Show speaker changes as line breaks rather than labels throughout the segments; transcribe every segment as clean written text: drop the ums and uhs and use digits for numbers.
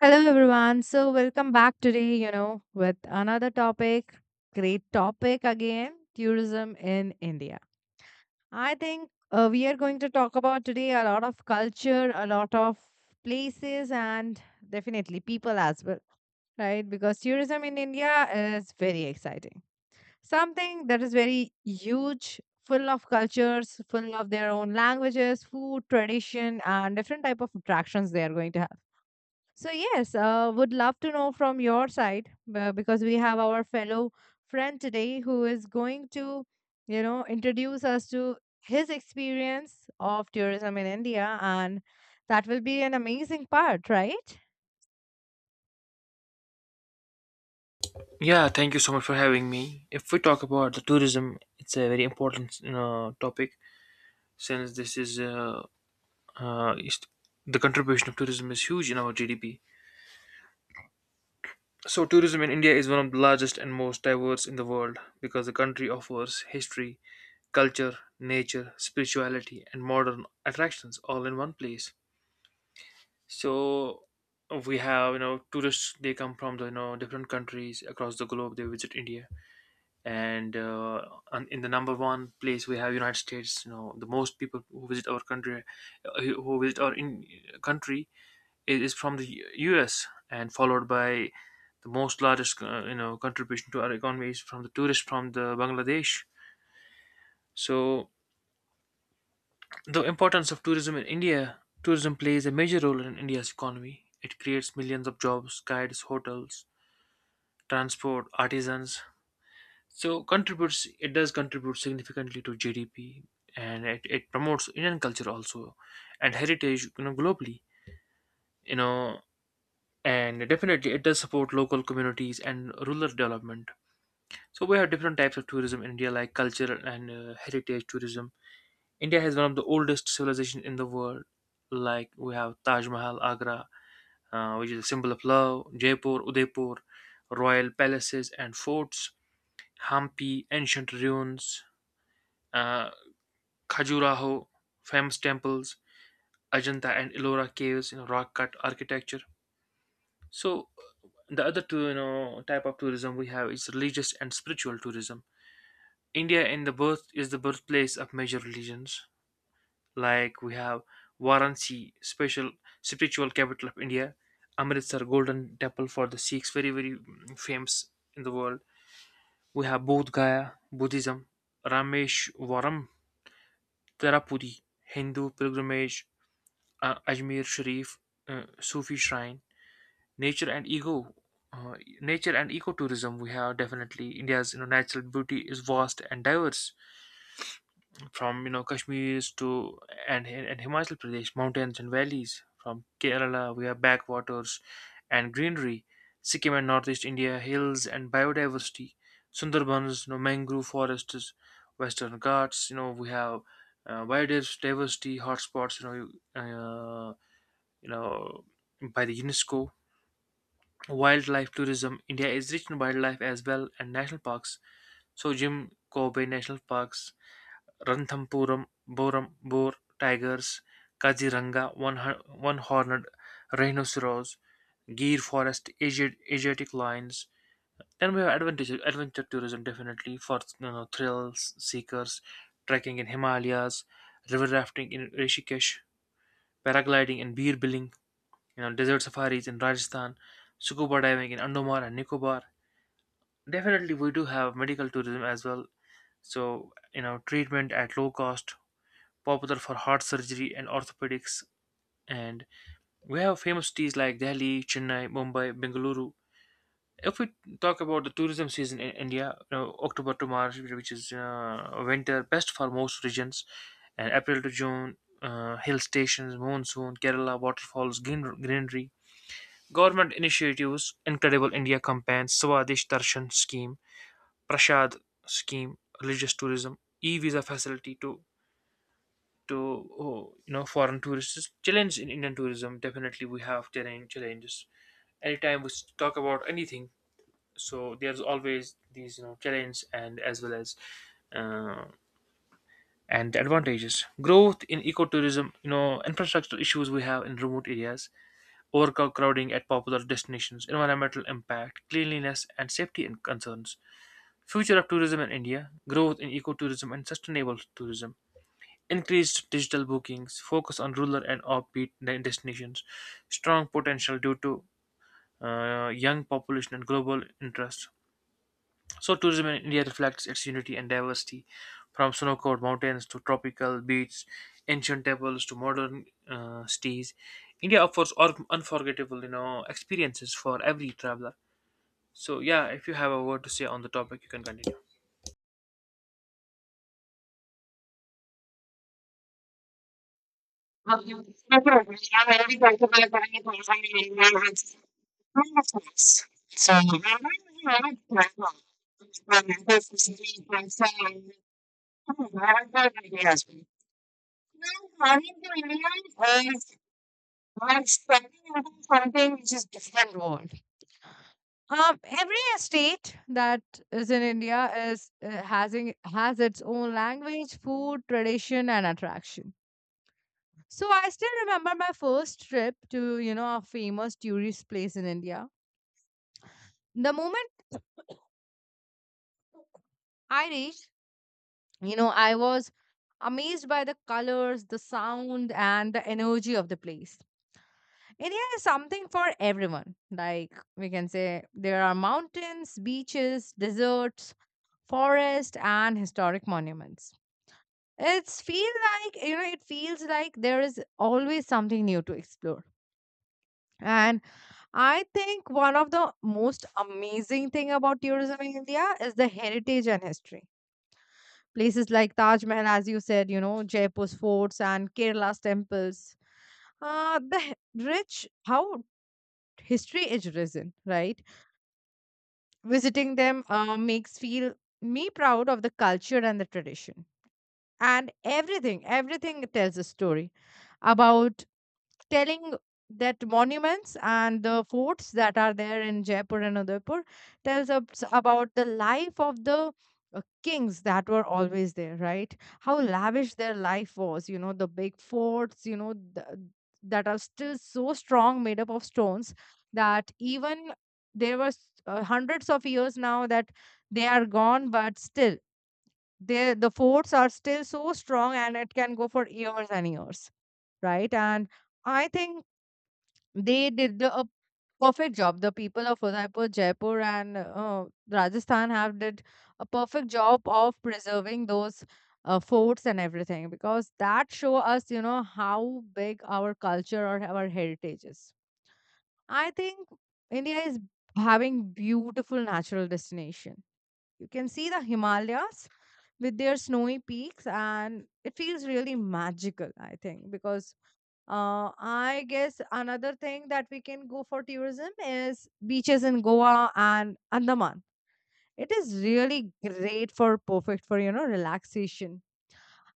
Hello, everyone. So, welcome back today, with another topic. Great topic again, tourism in India. I think we are going to talk about today a lot of culture, a lot of places, and definitely people as well, right? Because tourism in India is very exciting. Something that is very huge, full of cultures, full of their own languages, food, tradition, and different type of attractions they are going to have. So, yes, would love to know from your side, because we have our fellow friend today who is going to, introduce us to his experience of tourism in India, and that will be an amazing part, right?
Yeah, thank you so much for having me. If we talk about the tourism, it's a very important topic since this is uh, is- the contribution of tourism is huge in our GDP. So, tourism in India is one of the largest and most diverse in the world because the country offers history, culture, nature, spirituality, and modern attractions all in one place. So, we have tourists they come from the different countries across the globe. They visit India and in the number one place we have United States, the most people who visit our country who visit our in country is from the US and followed by the most largest contribution to our economy is from the tourists from the Bangladesh. So the importance of tourism in India: tourism plays a major role in India's economy. It creates millions of jobs, guides, hotels, transport, artisans. So contributes it does contribute significantly to GDP, and it promotes Indian culture also and heritage globally, you know and definitely it does support local communities and rural development. So we have different types of tourism in India, like culture and heritage tourism. India has one of the oldest civilizations in the world. Like we have Taj Mahal Agra, which is a symbol of love, Jaipur, Udaipur, royal palaces and forts, Hampi, ancient ruins, uh, Khajuraho, famous temples, Ajanta and Ellora caves, rock cut architecture. So the other two, type of tourism we have is religious and spiritual tourism. India in the birth is the birthplace of major religions. Like we have Varanasi, special spiritual capital of India, Amritsar Golden Temple for the Sikhs, very very famous in the world. We have Bodh Gaya, Buddhism, Rameshwaram, Tirupati, Hindu pilgrimage, Ajmer Sharif, Sufi Shrine, nature and eco, uh, nature and ecotourism. We have definitely India's natural beauty is vast and diverse, from Kashmir to and Himachal Pradesh mountains and valleys. From Kerala, we have backwaters and greenery, Sikkim and Northeast India hills and biodiversity, Sundarbans, mangrove forests, Western Ghats. You know, we have biodiversity hotspots. Know. Uh, you know by the UNESCO. Wildlife tourism. India is rich in wildlife as well and national parks. So Jim Kobe National Parks, Ranthampuram, Boram, Boar, Tigers, Kaziranga, one horned rhinoceros, Gir Forest, Asiatic Lions. Then we have adventure tourism, definitely for thrills seekers, trekking in Himalayas, river rafting in Rishikesh, paragliding in Bir, desert safaris in Rajasthan, scuba diving in Andaman and Nicobar. Definitely, we do have medical tourism as well. So, treatment at low cost, popular for heart surgery and orthopedics. And we have famous cities like Delhi, Chennai, Mumbai, Bengaluru. If we talk about the tourism season in India, October to March, which is winter, best for most regions, and April to June, hill stations, monsoon, Kerala, waterfalls, greenery. Government initiatives: Incredible India Campaign, Swadesh Darshan Scheme, Prashad Scheme, Religious Tourism, E-Visa Facility to to oh, foreign tourists. Challenge in Indian tourism, definitely we have challenges. Anytime we talk about anything, so there's always these challenge, and as well as uh, and advantages. Growth in ecotourism, infrastructure issues we have in remote areas, overcrowding at popular destinations, environmental impact, cleanliness and safety concerns, future of tourism in India, growth in ecotourism and sustainable tourism, increased digital bookings, focus on rural and offbeat destinations, strong potential due to young population and global interest. So tourism in India reflects its unity and diversity, from snow-covered mountains to tropical beaches, ancient temples to modern cities. India offers unforgettable, experiences for every traveler. So yeah, if you have a word to say on the topic, you can continue.
Um, Definitely. I'm very grateful for having me in my life. So, I'm very grateful. I'm very grateful to be here. So, I'm very grateful to be here. Now, coming to India are expanding into something which is different world. Every state that is in India has its own language, food, tradition, and attraction. So I still remember my first trip to a famous tourist place in India. The moment I reached, I was amazed by the colors, the sound, and the energy of the place. India is something for everyone. Like we can say, there are mountains, beaches, deserts, forest, and historic monuments. It feels like there is always something new to explore. And I think one of the most amazing thing about tourism in India is the heritage and history. Places like Taj Mahal, as you said, Jaipur's forts and Kerala's temples. Uh, the he- rich, how history is risen, right? Visiting them makes feel me proud of the culture and the tradition, and everything tells a story about telling that monuments and the forts that are there in Jaipur and Udaipur tells us about the life of the kings that were always there, right? How lavish their life was, the big forts, that are still so strong, made up of stones, that even there was hundreds of years now that they are gone, but still the forts are still so strong and it can go for years and years, right? And I think they did the a perfect job. The people of Udaipur, Jaipur, and Rajasthan have did a perfect job of preserving those forts and everything, because that show us, how big our culture or our heritage is. I think India is having beautiful natural destination. You can see the Himalayas with their snowy peaks and it feels really magical. I think because, I guess another thing that we can go for tourism is beaches in Goa and Andaman. It is really great for perfect for relaxation.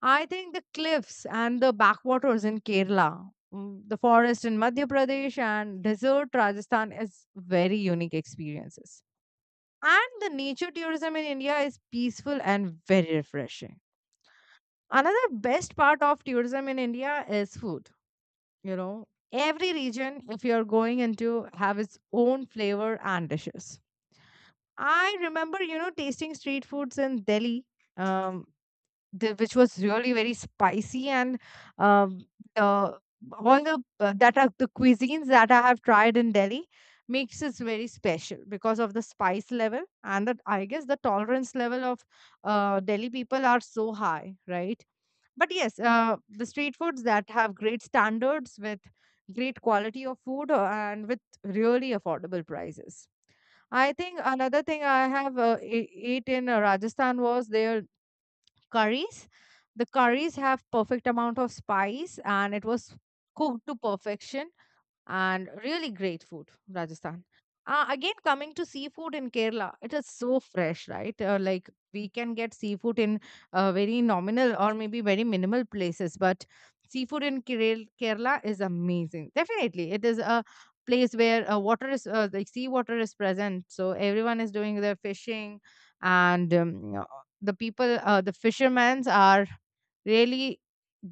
I think the cliffs and the backwaters in Kerala, the forest in Madhya Pradesh and desert Rajasthan is very unique experiences, and the nature tourism in India is peaceful and very refreshing. Another best part of tourism in India is food. you know every region, if you're going into, have its own flavor and dishes. I remember tasting street foods in Delhi, um, which was really very spicy. And um, the all the that are the cuisines that I have tried in Delhi makes it very special because of the spice level, and that I guess the tolerance level of Delhi people are so high, right? But yes, the street foods that have great standards with great quality of food, and with really affordable prices. I think another thing I have ate in Rajasthan was their curries. The curries have perfect amount of spice and it was cooked to perfection, and really great food, Rajasthan. Again, coming to seafood in Kerala, it is so fresh, right? Like we can get seafood in very nominal or maybe very minimal places, but seafood in Kerala, Kerala is amazing. Definitely, it is a place where water is like sea water is present, so everyone is doing their fishing, and the fishermen are really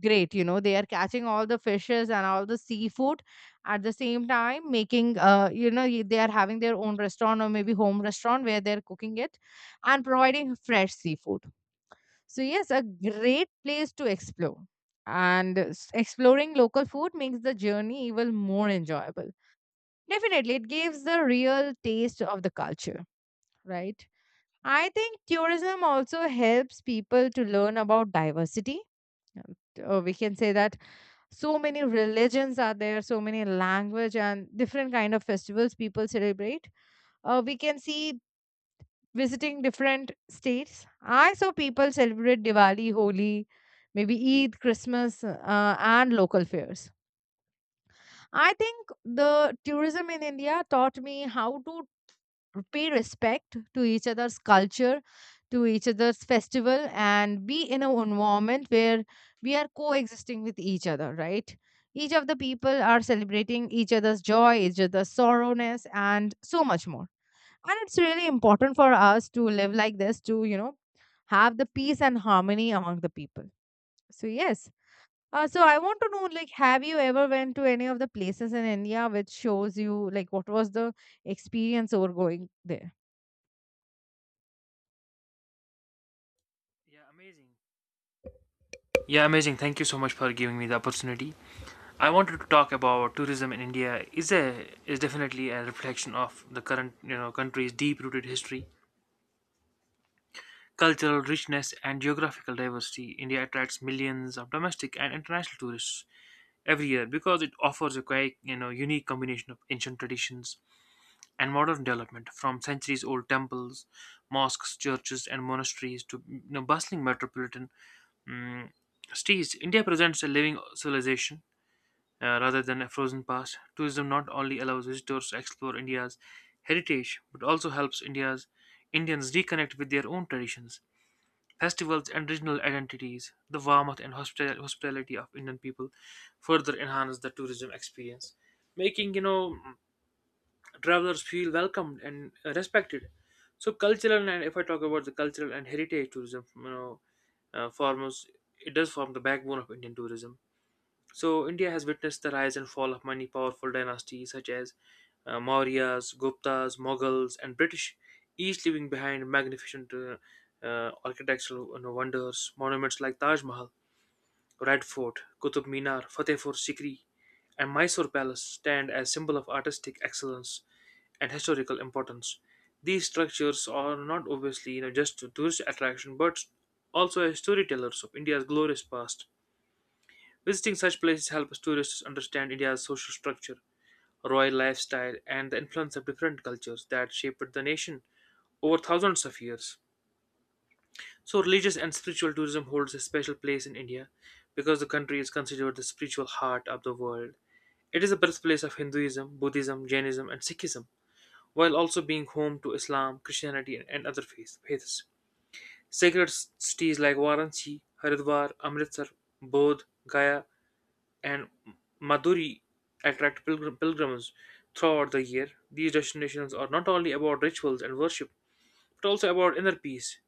great. You know, they are catching all the fishes and all the seafood at the same time, making they are having their own restaurant or maybe home restaurant where they're cooking it and providing fresh seafood. So yes, a great place to explore, and exploring local food makes the journey even more enjoyable. Definitely, it gives the real taste of the culture, right? I think tourism also helps people to learn about diversity. Uh, we can say that so many religions are there, so many language and different kind of festivals people celebrate. We can see, visiting different states, I saw people celebrate Diwali, Holi, maybe Eid, Christmas, and local fairs. I think the tourism in India taught me how to pay respect to each other's culture, to each other's festival, and be in an environment where we are coexisting with each other, right? Each of the people are celebrating each other's joy, each other's sorrowness and so much more, and it's really important for us to live like this, to have the peace and harmony among the people. So yes, so I want to know, like, have you ever went to any of the places in India which shows you like what was the experience over going there?
Yeah, amazing. Yeah, amazing. Thank you so much for giving me the opportunity. I wanted to talk about tourism in India. Is a is definitely a reflection of the current country's deep rooted history, cultural richness and geographical diversity. India attracts millions of domestic and international tourists every year because it offers a quite unique combination of ancient traditions and modern development, from centuries-old temples, mosques, churches, and monasteries to bustling metropolitan mm, cities. India presents a living civilization rather than a frozen past. Tourism not only allows visitors to explore India's heritage, but also helps India's Indians reconnect with their own traditions, festivals and regional identities. The warmth and hospitality of Indian people further enhance the tourism experience, making travelers feel welcomed and respected. So cultural, and if I talk about the cultural and heritage tourism, you know, forms it does form the backbone of Indian tourism. So, India has witnessed the rise and fall of many powerful dynasties such as Mauryas, Guptas, Mughals, and British, each leaving behind magnificent architectural wonders. Monuments like Taj Mahal, Red Fort, Qutub Minar, Fatehpur Sikri, and Mysore Palace stand as symbol of artistic excellence and historical importance. These structures are not obviously just a tourist attraction, but also as storytellers of India's glorious past. Visiting such places helps tourists understand India's social structure, royal lifestyle, and the influence of different cultures that shaped the nation over thousands of years. So, religious and spiritual tourism holds a special place in India because the country is considered the spiritual heart of the world. It is the birthplace of Hinduism, Buddhism, Jainism, and Sikhism, while also being home to Islam, Christianity, and other faiths. Sacred cities like Varanasi, Haridwar, Amritsar, Bodh, Gaya, and Maduri attract pilgrims throughout the year. These destinations are not only about rituals and worship, but also about inner peace,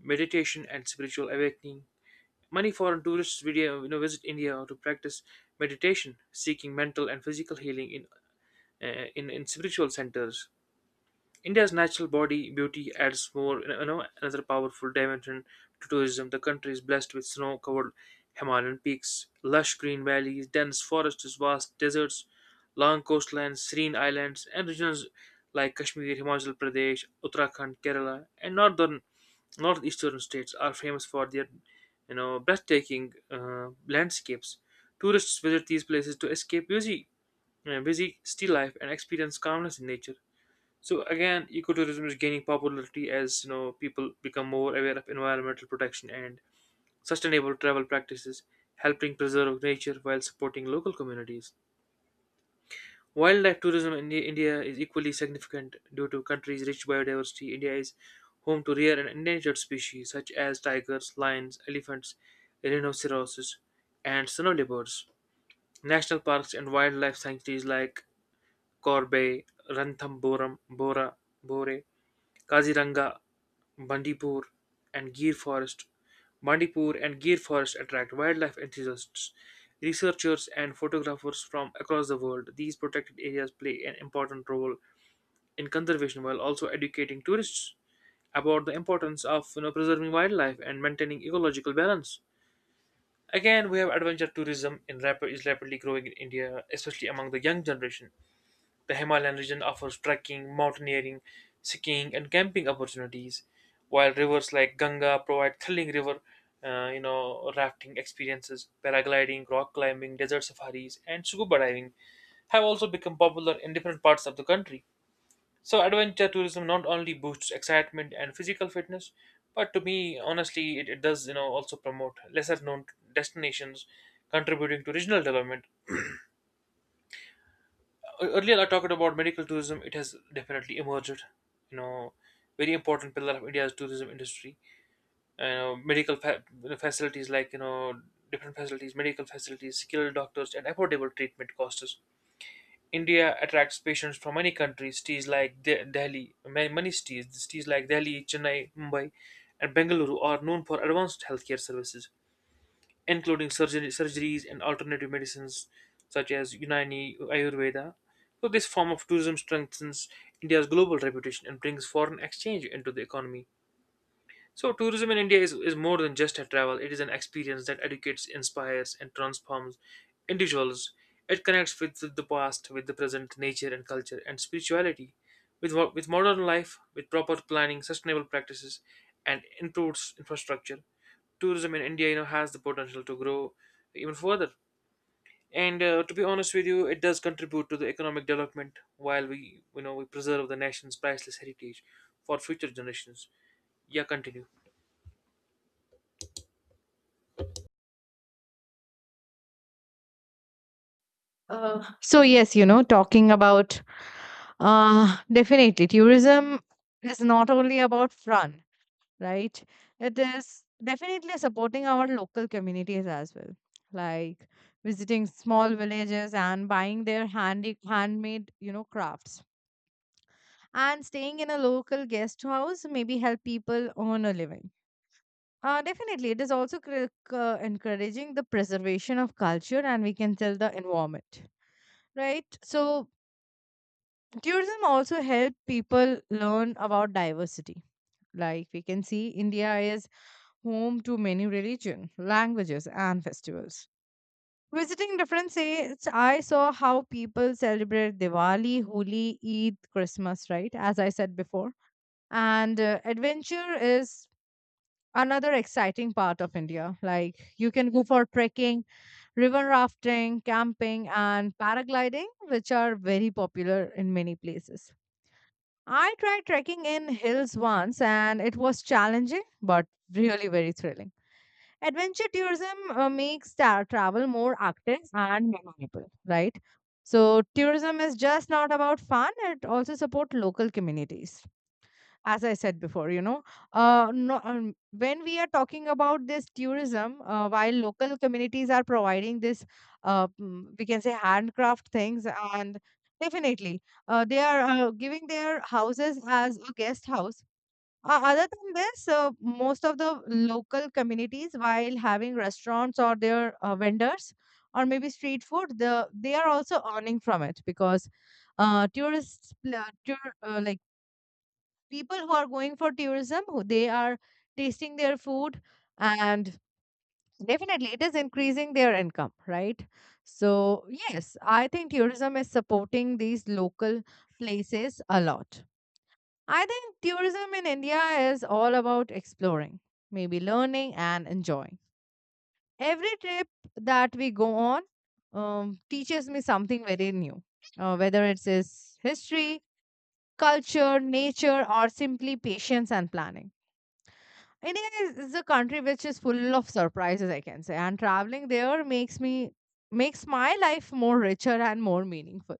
meditation, and spiritual awakening. Many foreign tourists video, visit India to practice meditation, seeking mental and physical healing in spiritual centers. India's natural body beauty adds more, another powerful dimension to tourism. The country is blessed with snow-covered Himalayan peaks, lush green valleys, dense forests, vast deserts, long coastlines, serene islands, and regions like Kashmir, Himachal Pradesh, Uttarakhand, Kerala, and northern northeastern states are famous for their, breathtaking landscapes. Tourists visit these places to escape busy city life and experience calmness in nature. So again, ecotourism is gaining popularity as people become more aware of environmental protection and sustainable travel practices, helping preserve nature while supporting local communities. Wildlife tourism in India India is equally significant due to country's rich biodiversity. India is home to rare and endangered species such as tigers, lions, elephants, rhinoceroses, and snow leopards. National parks and wildlife sanctuaries like Korbay, Ranthambore, Bora, Bore, Kaziranga, Bandipur, and Gir Forest. Bandipur and Gir Forest attract wildlife enthusiasts, researchers, and photographers from across the world. These protected areas play an important role in conservation while also educating tourists about the importance of preserving wildlife and maintaining ecological balance. Again, we have adventure tourism is rapidly growing in India, especially among the young generation. The Himalayan region offers trekking, mountaineering, skiing, and camping opportunities, while rivers like Ganga provide thrilling rafting experiences. Paragliding, rock climbing, desert safaris, and scuba diving have also become popular in different parts of the country. So, adventure tourism not only boosts excitement and physical fitness, but to me, honestly, it does also promote lesser known destinations, contributing to regional development. Earlier I talked about medical tourism. It has definitely emerged, you know, very important pillar of India's tourism industry. You medical fa- facilities like different facilities, medical facilities, skilled doctors, and affordable treatment costs. India attracts patients from many countries. Cities like De- Delhi, ma- many cities, Cities like Delhi, Chennai, Mumbai, and Bengaluru are known for advanced healthcare services including surgeries and alternative medicines such as Unani Ayurveda. So, this form of tourism strengthens India's global reputation and brings foreign exchange into the economy. So, tourism in India is more than just a travel. It is an experience that educates, inspires, and transforms individuals. It connects with the past, with the present, nature and culture, and spirituality, with modern life, with proper planning, sustainable practices, and improved infrastructure. Tourism in India, has the potential to grow even further. And to be honest with you, it does contribute to the economic development while we preserve the nation's priceless heritage for future generations. Yeah, continue.
So, yes, talking about, definitely tourism is not only about fun, right? It is definitely supporting our local communities as well, like visiting small villages and buying their handy handmade, you know, crafts. And staying in a local guest house maybe help people earn a living. Definitely, it is also encouraging the preservation of culture, and we can tell the environment, right? So, tourism also help people learn about diversity. Like we can see, India is home to many religion, languages, and festivals. Visiting different states, I saw how people celebrate Diwali, Holi, Eid, Christmas, right, as I said before. And adventure is another exciting part of India. Like, you can go for trekking, river rafting, camping, and paragliding, which are very popular in many places. I tried trekking in hills once and it was challenging but really very thrilling. Adventure tourism makes travel more active and memorable, right? So tourism is just not about fun, it also supports local communities. As I said before, No, when we are talking about this tourism, while local communities are providing this, we can say handcraft things, and definitely they are giving their houses as a guest house. Other than this, most of the local communities, while having restaurants or their vendors or maybe street food, they are also earning from it because tourists, like people who are going for tourism, who they are tasting their food, and definitely it is increasing their income, right? So yes, I think tourism is supporting these local places a lot. I think tourism in India is all about exploring, maybe learning and enjoying. Every trip that we go on, teaches me something very new, whether it's history, culture, nature, or simply patience and planning. India is a country which is full of surprises, I can say, and traveling there makes me makes my life more richer and more meaningful.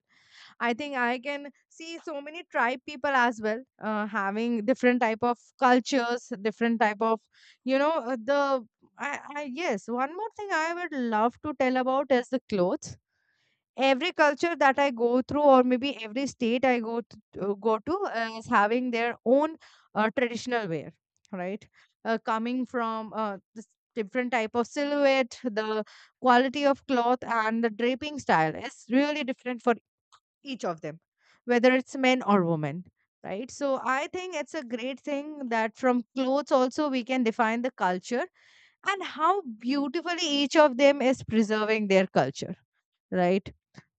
I think I can see so many tribe people as well, having different type of cultures, different type of, you know the. I Yes, one more thing I would love to tell about is the clothes. Every culture that I go through, or maybe every state I go to, is having their own traditional wear, right? Coming from this different type of silhouette, the quality of cloth, and the draping style is really different for each of them, whether it's men or women. Right. So I think it's a great thing that from clothes also we can define the culture and how beautifully each of them is preserving their culture, right?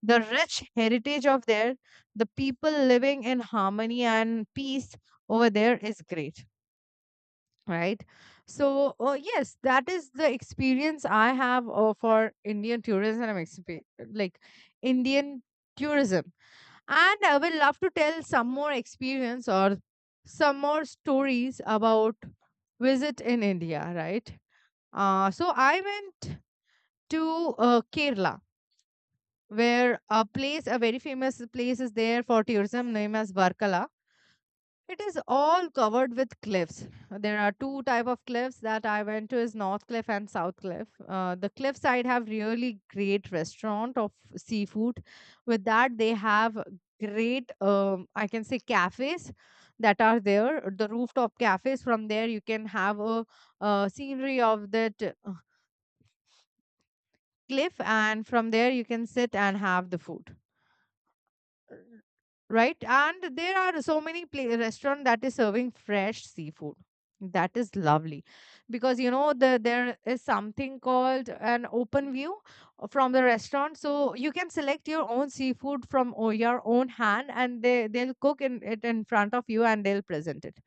The rich heritage of there, the people living in harmony and peace over there is great, right? So, yes, that is the experience I have for Indian tourism, like Indian tourism. And I will love to tell some more experience or some more stories about visit in India, right? So I went to Kerala, where a very famous place is there for tourism known as Varkala. It is all covered with cliffs. There are two type of cliffs that I went to is North Cliff and South Cliff. The cliff side have really great restaurant of seafood. With that, they have great, I can say cafes that are there. The rooftop cafes, from there you can have a scenery of that cliff, and from there you can sit and have the food, right? And there are so many restaurant that is serving fresh seafood. That is lovely because there is something called an open view from the restaurant, so you can select your own seafood from your own hand, and they'll cook it in front of you and they'll present it.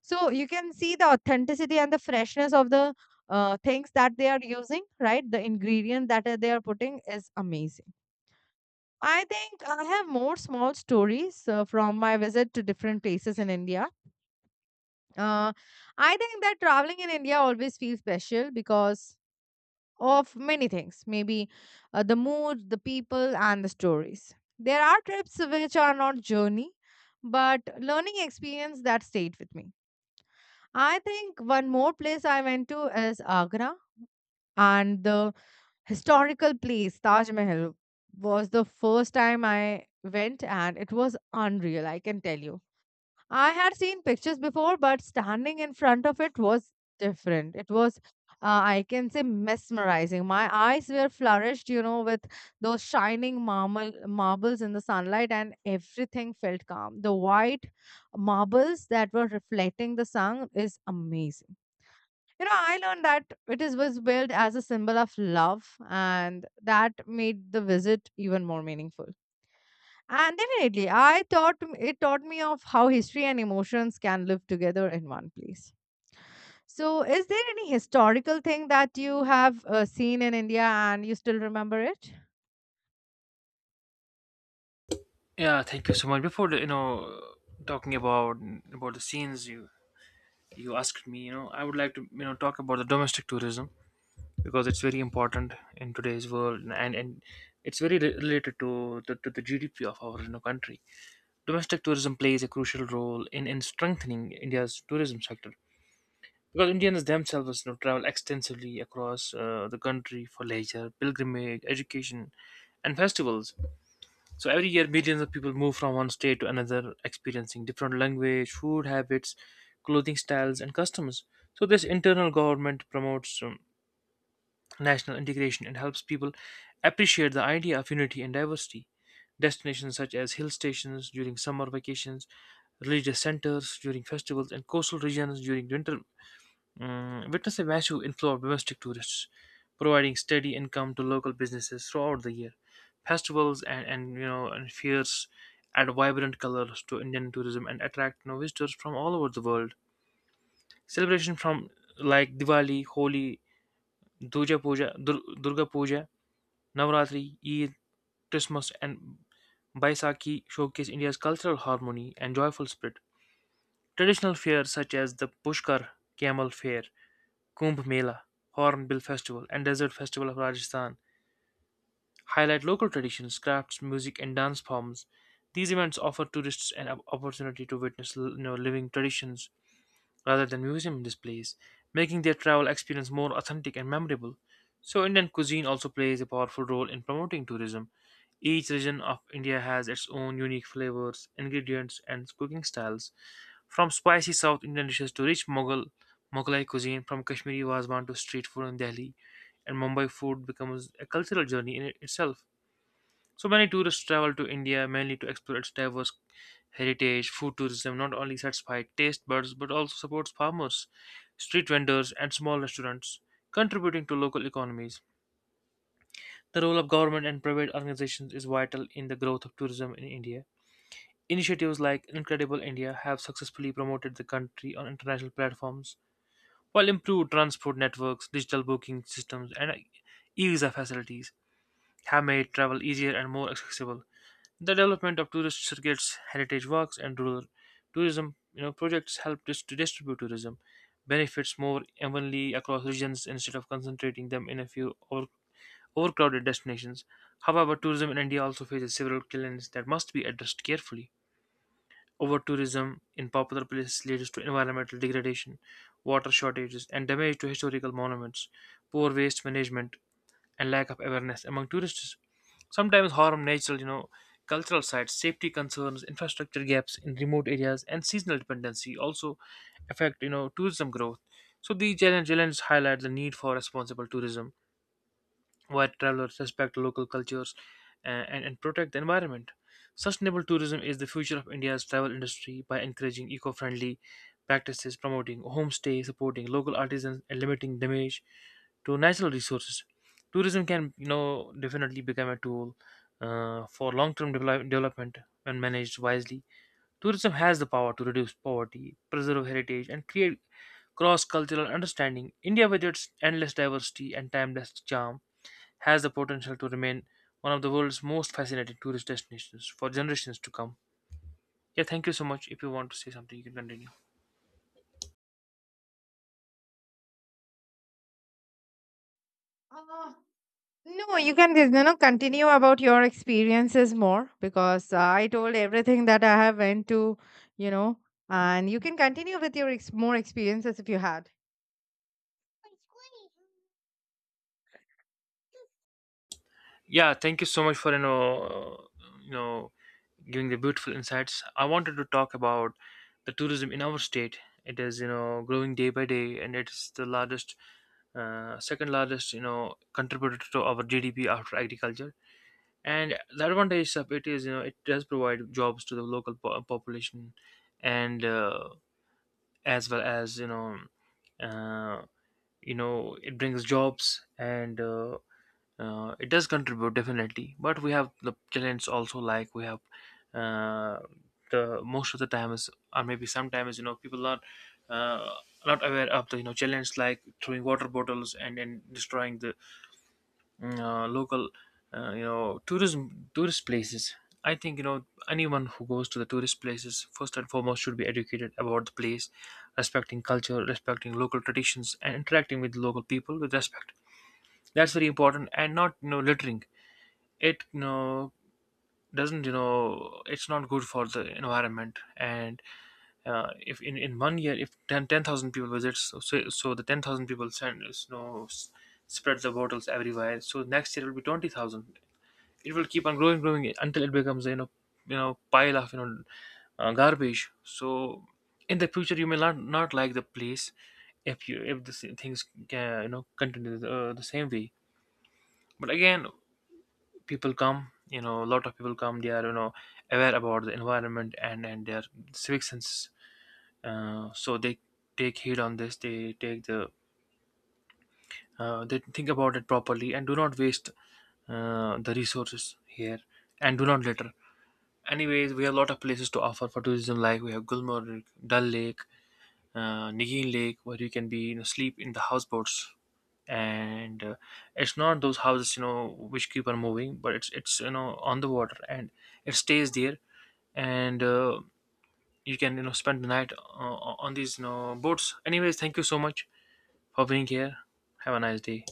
So you can see the authenticity and the freshness of the things that they are using, right? The ingredient that they are putting is amazing. I think I have more small stories from my visit to different places in India. Uh, I think that traveling in India always feels special because of many things, maybe the mood, the people, and the stories. There are trips which are not journey, but learning experience that stayed with me. I think one more place I went to is Agra, and the historical place Taj Mahal was the first time I went, and it was unreal, I can tell you. I had seen pictures before, but standing in front of it was different. It was, I can say, mesmerizing. My eyes were flourished, with those shining marbles in the sunlight, and everything felt calm. The white marbles that were reflecting the sun is amazing. I learned that it is was billed as a symbol of love, and that made the visit even more meaningful. And definitely it taught me of how history and emotions can live together in one place. So, is there any historical thing that you have seen in India and you still remember it?
Yeah, thank you so much. Before the- you know, Talking about the scenes you asked me, you know, I would like to you know talk about the domestic tourism because it's very important in today's world and it's very related to to the GDP of our you know, country. Domestic tourism plays a crucial role in strengthening India's tourism sector because Indians themselves you know travel extensively across the country for leisure, pilgrimage, education, and festivals. So every year, millions of people move from one state to another, experiencing different language, food habits, clothing styles, and customs. So this internal government promotes national integration and helps people appreciate the idea of unity and diversity. Destinations such as hill stations during summer vacations, religious centers during festivals, and coastal regions during winter witness a massive inflow of domestic tourists, providing steady income to local businesses throughout the year. Festivals and you know and fairs add vibrant colors to Indian tourism and attract you know, visitors from all over the world. Celebration from like Diwali, Holi, Durga Puja, Durga Puja, Navratri, Eid, Christmas, and Baisakhi showcase India's cultural harmony and joyful spirit. Traditional fairs such as the Pushkar Camel Fair, Kumbh Mela, Hornbill Festival, and Desert Festival of Rajasthan highlight local traditions, crafts, music, and dance forms. These events offer tourists an opportunity to witness you know, living traditions rather than museum displays, making their travel experience more authentic and memorable. So, Indian cuisine also plays a powerful role in promoting tourism. Each region of India has its own unique flavors, ingredients, and cooking styles. From spicy South Indian dishes to rich Mughalai cuisine, from Kashmiri wazwan to street food in Delhi, and Mumbai, food becomes a cultural journey in itself. So many tourists travel to India mainly to explore its diverse heritage. Food tourism not only satisfies taste buds but also supports farmers, street vendors, and small restaurants, contributing to local economies. The role of government and private organizations is vital in the growth of tourism in India. Initiatives like Incredible India have successfully promoted the country on international platforms, while improved transport networks, digital booking systems, and e-visa facilities have made travel easier and more accessible. The development of tourist circuits, heritage walks, and rural tourism you know, projects help to distribute tourism benefits more evenly across regions instead of concentrating them in a few overcrowded destinations. However, tourism in India also faces several challenges that must be addressed carefully. Over tourism in popular places leads to environmental degradation, water shortages, and damage to historical monuments. Poor waste management and lack of awareness among tourists sometimes harm natural, you know, cultural sites, safety concerns, infrastructure gaps in remote areas, and seasonal dependency also affect, you know, tourism growth. So these challenges highlight the need for responsible tourism where travelers respect local cultures and protect the environment. Sustainable tourism is the future of India's travel industry by encouraging eco friendly practices, promoting homestay, supporting local artisans, and limiting damage to natural resources. Tourism can, you know, definitely become a tool for long-term development when managed wisely. Tourism has the power to reduce poverty, preserve heritage, and create cross-cultural understanding. India, with its endless diversity and timeless charm, has the potential to remain one of the world's most fascinating tourist destinations for generations to come. Yeah, thank you so much. If you want to say something, you can continue.
uh, no, you can continue about your experiences more, because I told everything that I have went to, you know, and you can continue with your more experiences if you had. Squeeze.
Yeah, thank you so much for you know you know giving the beautiful insights. I wanted to talk about the tourism in our state. It is you know growing day by day, and it's the largest, second largest you know contributor to our GDP after agriculture. And the advantage of it is you know it does provide jobs to the local population, and as well as uh, you know it brings jobs and it does contribute definitely, but we have the challenge also. Like we have uh, the most of the time is, or maybe sometimes you know people are uh, not aware of the you know challenge, like throwing water bottles and destroying the local you know tourism tourist places. I think you know anyone who goes to the tourist places first and foremost should be educated about the place, respecting culture, respecting local traditions, and interacting with local people with respect. That's very important, and not you know littering. It you know doesn't, you know, it's not good for the environment. And if in one year if 10,000 people visit, so the 10,000 people send you know spread the bottles everywhere, so next year it will be 20,000. It will keep on growing until it becomes you know, you know, pile of you know garbage. So in the future you may not like the place, if you if the same things can you know continue the same way. But again, people come, you know, a lot of people come. They are you know aware about the environment and their civic sense. So they take heed on this, they take the, they think about it properly and do not waste the resources here, and do not litter. Anyways, we have a lot of places to offer for tourism. Like we have Gulmarg, Dal Lake, Nigeen Lake, where you can be you know, sleep in the houseboats. And it's not those houses you know which keep on moving, but it's you know on the water and it stays there. And you can you know spend the night on these you know boats. Anyways, thank you so much for being here. Have a nice day.